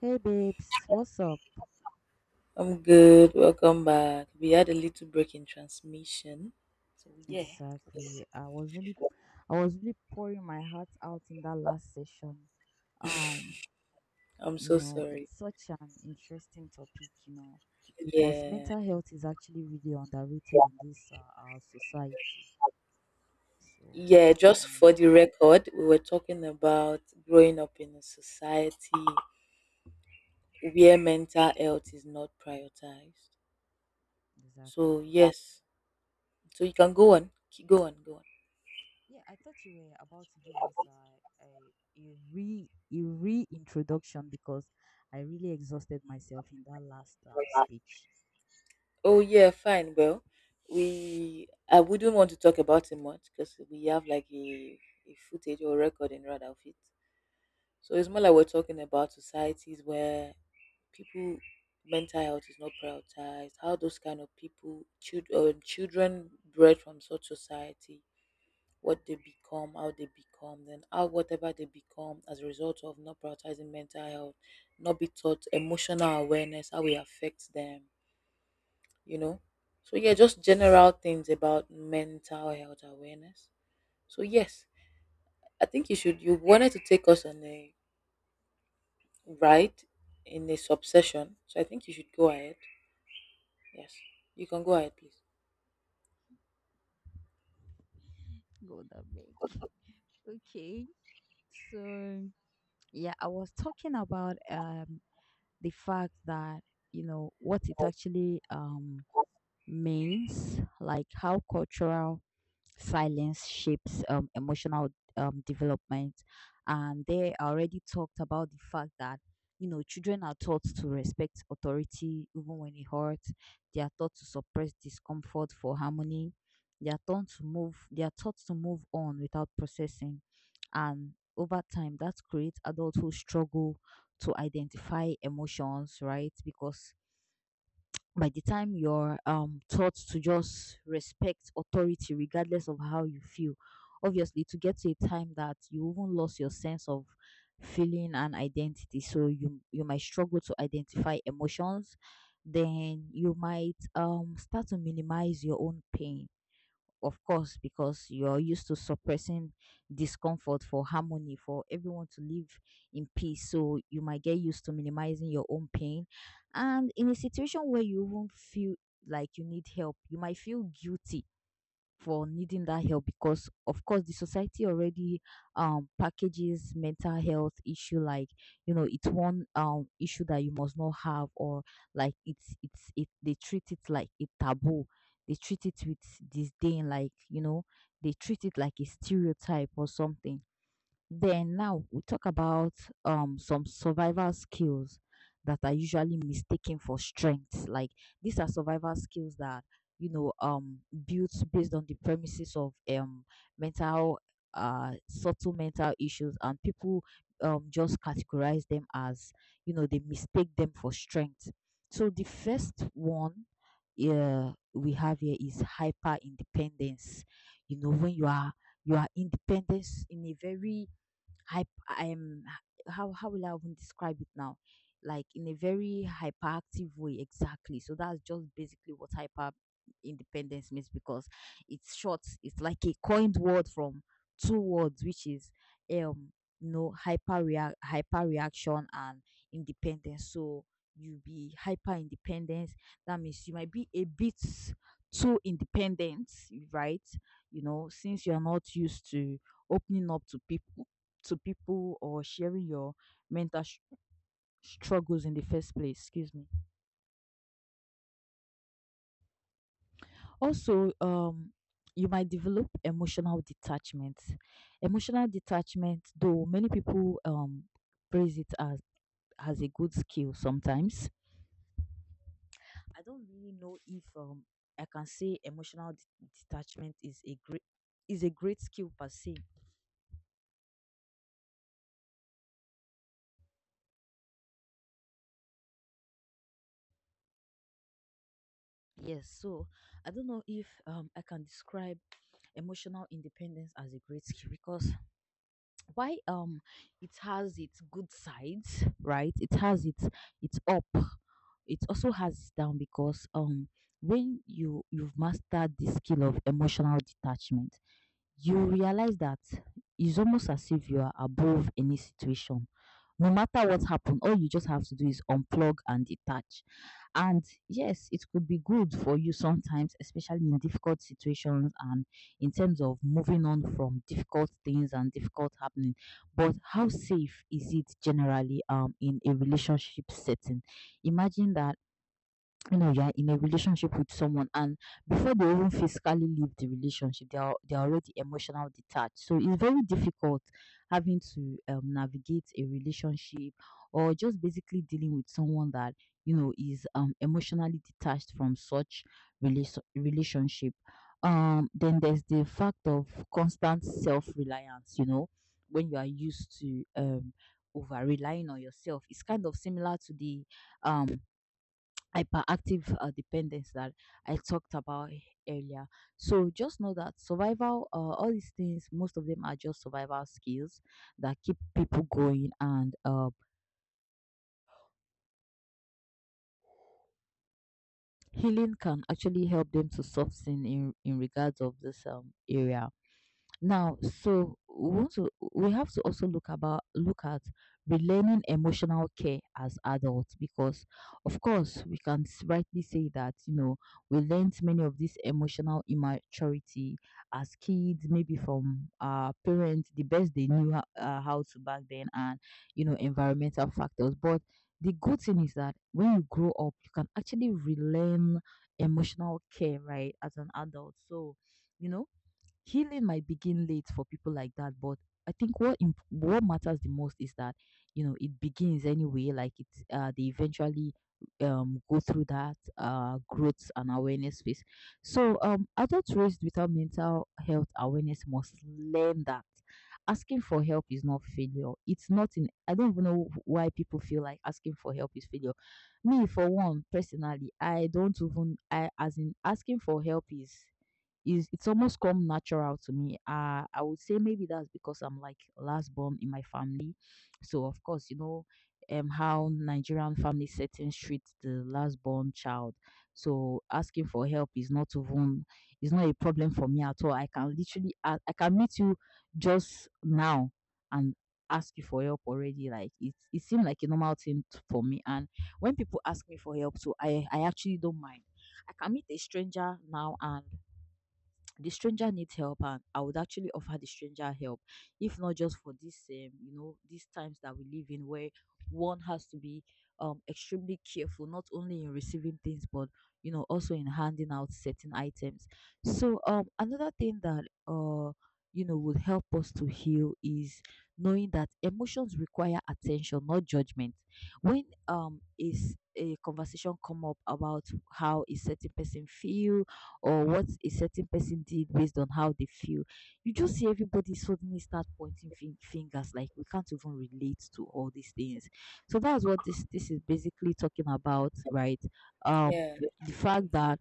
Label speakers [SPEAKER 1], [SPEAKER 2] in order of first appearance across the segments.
[SPEAKER 1] Hey babes, what's up?
[SPEAKER 2] I'm good. Welcome back. We had a little break in transmission. So yeah,
[SPEAKER 1] Exactly. I was really pouring my heart out in that last session. Um,
[SPEAKER 2] I'm so sorry.
[SPEAKER 1] it's such an interesting topic, because
[SPEAKER 2] Yeah.
[SPEAKER 1] mental health is actually really underrated in this our society. So,
[SPEAKER 2] Yeah, just
[SPEAKER 1] um,
[SPEAKER 2] for the record, we were talking about growing up in a society where mental health is not prioritized.
[SPEAKER 1] exactly.
[SPEAKER 2] So, yes. So you can go on. Go on, go on.
[SPEAKER 1] Yeah, I thought you were about to give us a reintroduction because I really exhausted myself in that last speech.
[SPEAKER 2] Oh, yeah, fine. Well, we I wouldn't want to talk about it much because we have like a footage or recording rather of it. So it's more like we're talking about societies where people mental health is not prioritized. How those kind of people, children, children bred from such society, what they become, how they become, then how whatever they become as a result of not prioritizing mental health, not be taught emotional awareness, how it affects them, you know. So yeah, just general things about mental health awareness. So yes, I think you should. You wanted to take us on a right in this obsession. So I think you should go ahead. Yes, you can go ahead, please.
[SPEAKER 1] Go that way. Okay. So yeah, I was talking about the fact that you know what it actually means, like how cultural silence shapes emotional development, and they already talked about the fact that you know children are taught to respect authority even when it hurts. They are taught to suppress discomfort for harmony. They are taught to move on without processing, and over time that creates adults who struggle to identify emotions, right? Because by the time you're taught to just respect authority regardless of how you feel, obviously to get to a time that you even lost your sense of feeling and identity, so you might struggle to identify emotions. Then you might start to minimize your own pain, of course, because you're used to suppressing discomfort for harmony, for everyone to live in peace. So you might get used to minimizing your own pain. And in a situation where you won't feel like you need help, you might feel guilty for needing that help, because of course the society already packages mental health issue like you know it's one issue that you must not have, or like it's it they treat it like a taboo. They treat it with disdain, like you know they treat it like a stereotype or something. Then now we talk about some survival skills that are usually mistaken for strength. Like these are survival skills that you know um built based on the premises of mental subtle mental issues, and people just categorize them as you know they mistake them for strength. So the first one yeah we have here is hyper independence. You know when you are independent in a very hype I'm how will I even describe it now, like in a very hyperactive way, exactly. So that's just basically what hyper independence means, because it's short, it's like a coined word from two words, which is um you know hyper reaction and independence. So you be hyper independent, that means you might be a bit too independent, right? You know since you're not used to opening up to people, or sharing your mental sh- struggles in the first place. Excuse me. Also, you might develop emotional detachment. Emotional detachment, though many people praise it as a good skill sometimes. I don't really know if I can say emotional detachment is a great skill per se. Yes, so I don't know if I can describe emotional independence as a great skill because why it has its good sides, right? It has its up. It also has its down, because when you've mastered the skill of emotional detachment, you realize that it's almost as if you are above any situation. No matter what happened, all you just have to do is unplug and detach. And yes, it could be good for you sometimes, especially in difficult situations and in terms of moving on from difficult things and difficult happening. But how safe is it generally in a relationship setting? Imagine that you know you're in a relationship with someone, and before they even physically leave the relationship they're already emotional detached, so it's very difficult having to navigate a relationship, or just basically dealing with someone that you know is emotionally detached from such relationship. Then there's the fact of constant self-reliance. You know when you are used to over relying on yourself, it's kind of similar to the um hyperactive dependence that I talked about earlier. So just know that survival, all these things, most of them are just survival skills that keep people going, and healing can actually help them to soften in regards of this area. Now, so we want to we have to also look about look at relearning emotional care as adults, because of course we can rightly say that you know we learned many of this emotional immaturity as kids, maybe from our parents the best they knew how to back then, and you know environmental factors. But the good thing is that when you grow up you can actually relearn emotional care, right, as an adult. So you know healing might begin late for people like that, but I think what matters the most is that you know it begins anyway. Like it's they eventually go through that growth and awareness phase. So adults raised without mental health awareness must learn that asking for help is not failure. It's not in I don't even know why people feel like asking for help is failure. Me for one personally, I don't even I as in asking for help is it's almost come natural to me. I would say maybe that's because I'm like last born in my family. So of course, you know, how Nigerian family settings treat the last born child. So asking for help is not a problem for me at all. I can literally I can meet you just now and ask you for help already, like it seemed like a normal thing for me. And when people ask me for help, so I actually don't mind. I can meet a stranger now, and the stranger needs help, and I would actually offer the stranger help, if not just for this you know these times that we live in where one has to be extremely careful not only in receiving things, but you know also in handing out certain items. So another thing that you know would help us to heal is knowing that emotions require attention, not judgment. When is a conversation come up about how a certain person feel or what a certain person did based on how they feel. You just see everybody suddenly start pointing fingers, like we can't even relate to all these things. So that's what this is basically talking about, right? Um,
[SPEAKER 2] Yeah,
[SPEAKER 1] the fact that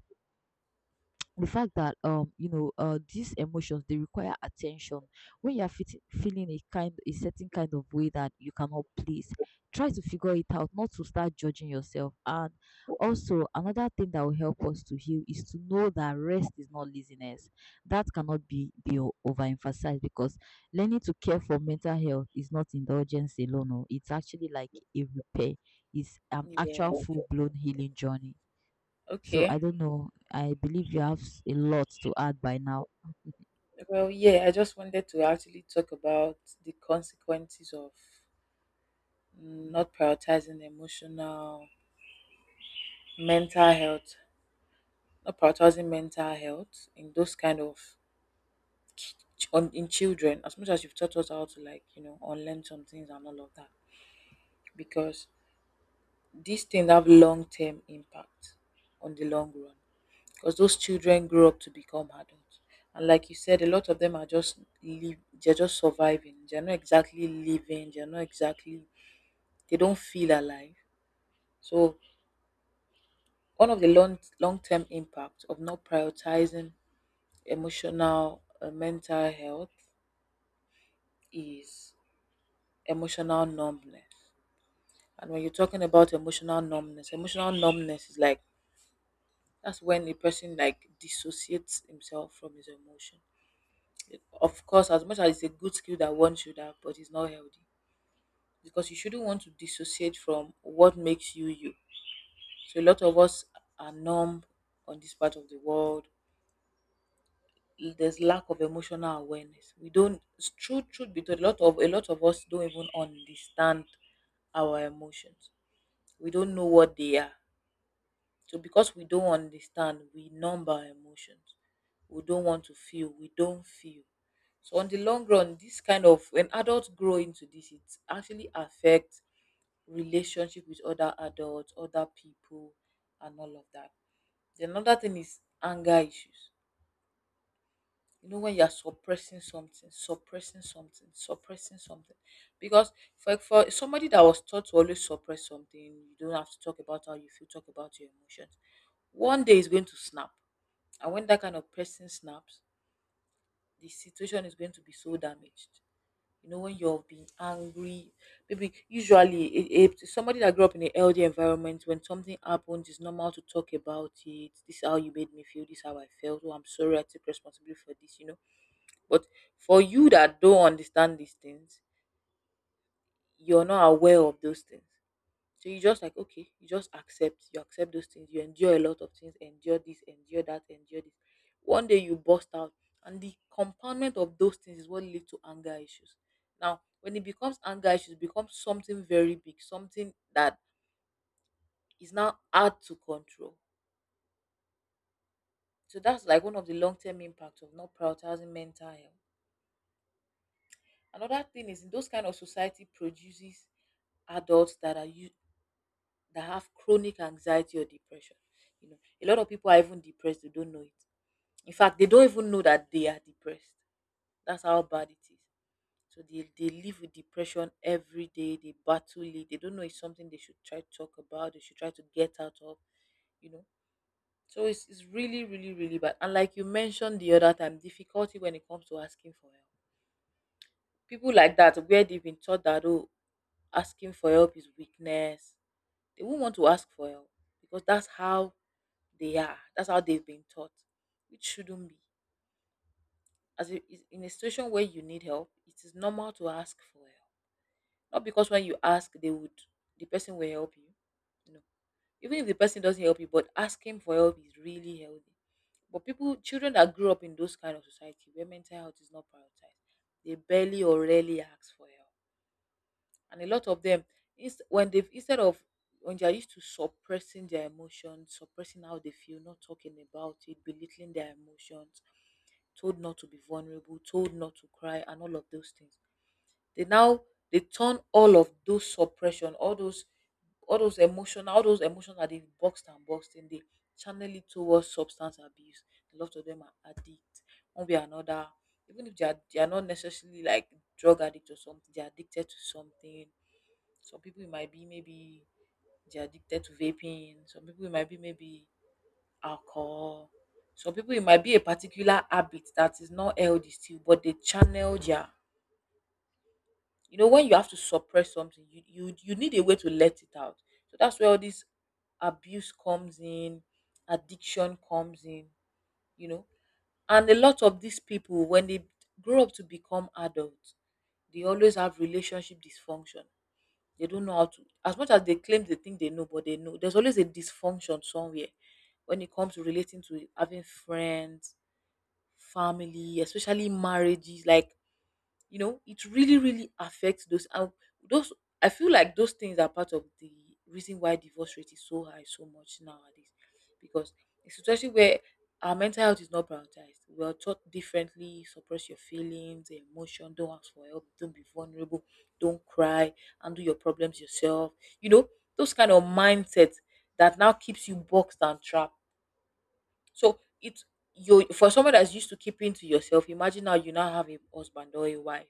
[SPEAKER 1] the fact that you know these emotions, they require attention. When you're feeling a certain kind of way that you cannot please, try to figure it out, not to start judging yourself. And also another thing that will help us to heal is to know that rest is not laziness. That cannot overemphasized, because learning to care for mental health is not indulgence alone, oh. It's actually like a repair. It's an
[SPEAKER 2] yeah.
[SPEAKER 1] actual full-blown healing journey. So I
[SPEAKER 2] Okay.
[SPEAKER 1] don't know. I believe you have a lot to add by now.
[SPEAKER 2] Well, yeah, I just wanted to actually talk about the consequences of not prioritizing emotional, mental health, not prioritizing mental health in those kind of on in children. As much as you've taught us how to like you know unlearn some things and all of that, because these things have long term impact on the long run because those children grow up to become adults. And like you said, a lot of them are just live, they're just surviving. They're not exactly living. They're not exactly. They don't feel alive. So one of the long long term impacts of not prioritizing emotional mental health is emotional numbness. And when you're talking about emotional numbness is like that's when a person like dissociates himself from his emotion. Of course, as much as it's a good skill that one should have, but it's not healthy because you shouldn't want to dissociate from what makes you you. So a lot of us are numb on this part of the world. There's lack of emotional awareness. We don't. Truth be told, a lot of us don't even understand our emotions. We don't know what they are. So because we don't understand, we numb our emotions. We don't want to feel. We don't feel. So on the long run, this kind of when adults grow into this, it actually affects relationship with other adults, other people, and all of that. The another thing is anger issues, you know, when you're suppressing something, suppressing something, suppressing something because for somebody that was taught to always suppress something, you don't have to talk about how you feel, talk about your emotions. One day is going to snap, and when that kind of person snaps, the situation is going to be so damaged. You know, when you're being angry, maybe usually if somebody that grew up in a healthy environment, when something happens, it's normal to talk about it. This is how you made me feel. This is how I felt. Oh, I'm sorry, I take responsibility for this, you know. But for you that don't understand these things, you're not aware of those things. So you just like, okay, you just accept, you accept those things, you endure a lot of things, endure this, endure that, endure this. One day you burst out, and the compoundment of those things is what leads to anger issues. Now, when it becomes anger issues, it becomes something very big, something that is now hard to control. So that's like one of the long term impacts of not prioritizing mental health. Another thing is in those kind of society produces adults that are you that have chronic anxiety or depression. You know, a lot of people are even depressed, they don't know it. In fact, they don't even know that they are depressed. That's how bad it is. So they live with depression every day, they battle it, they don't know it's something they should try to talk about, they should try to get out of, you know. So it's really, really, really bad. And like you mentioned the other time, difficulty when it comes to asking for help. People like that where they've been taught that, oh, asking for help is weakness. They won't want to ask for help because that's how they are. That's how they've been taught. It shouldn't be. In a situation where you need help, it is normal to ask for help. Not because when you ask, they would the person will help you. No. Even if the person doesn't help you, but asking for help is really healthy. But people, children that grew up in those kind of society where mental health is not prioritized, they barely or rarely ask for help. And a lot of them inst- when they have instead of when they are used to suppressing their emotions, suppressing how they feel, not talking about it, belittling their emotions, told not to be vulnerable, told not to cry and all of those things, they now they turn all of those suppression, all those emotion, all those emotions that they've boxed and boxed in, they channel it towards substance abuse. A lot of them are addicts, one way or another. Even if they are not necessarily like drug addict or something, they're addicted to something. Some people it might be maybe they're addicted to vaping, some people it might be maybe alcohol, some people it might be a particular habit that is not healthy still, but they channel their, you know, when you have to suppress something, you you need a way to let it out. So that's where all this abuse comes in, addiction comes in, you know. And a lot of these people, when they grow up to become adults, they always have relationship dysfunction. They don't know how to, as much as they claim they think they know, but they know there's always a dysfunction somewhere when it comes to relating to having friends, family, especially marriages. Like you know it really really affects those and those. I feel like those things are part of the reason why divorce rate is so high so much nowadays, because a situation where our mental health is not prioritized, we are taught differently. Suppress your feelings, emotion, don't ask for help, don't be vulnerable, don't cry, handle your problems yourself, you know, those kind of mindsets that now keeps you boxed and trapped. So it's you for someone that's used to keeping to yourself, imagine now you now have a husband or a wife.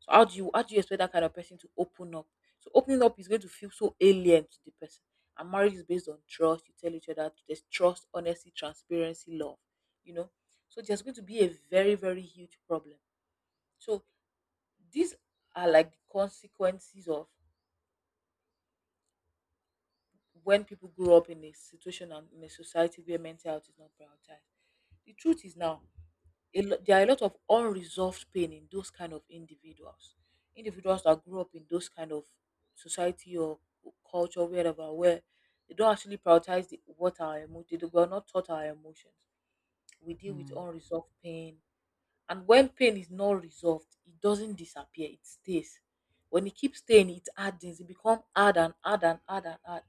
[SPEAKER 2] So how do you expect that kind of person to open up? So opening up is going to feel so alien to the person. And marriage is based on trust. You tell each other there's trust, honesty, transparency, love. You know, so there's going to be a very very huge problem. So these are like the consequences of when people grow up in a situation and in a society where mental health is not prioritized. The truth is now there are a lot of unresolved pain in those kind of individuals, individuals that grew up in those kind of society or culture wherever, where they don't actually prioritize the, what our emotions, they were not taught our emotions, we deal with
[SPEAKER 1] Hmm,
[SPEAKER 2] unresolved pain. And when pain is not resolved, it doesn't disappear, it stays. When it keeps staying, it hardens. It becomes hard and hard and hard and hard.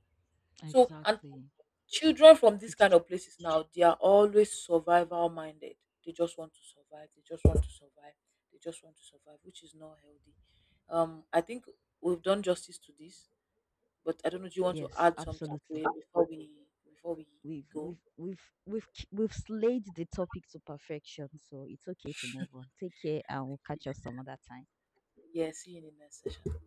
[SPEAKER 2] So and
[SPEAKER 1] exactly.
[SPEAKER 2] children from these
[SPEAKER 1] It
[SPEAKER 2] kind
[SPEAKER 1] j-
[SPEAKER 2] of places now, they are always survival minded. They just want to survive. They just want to survive. They just want to survive, which is not healthy. I think we've done justice to this, but I don't know. Do you want to
[SPEAKER 1] yes,
[SPEAKER 2] add something to
[SPEAKER 1] absolutely.
[SPEAKER 2] it before we go?
[SPEAKER 1] We've slayed the topic to perfection, so it's okay to move on. Take care, and we'll catch us some other time.
[SPEAKER 2] Yeah, see you in the next session.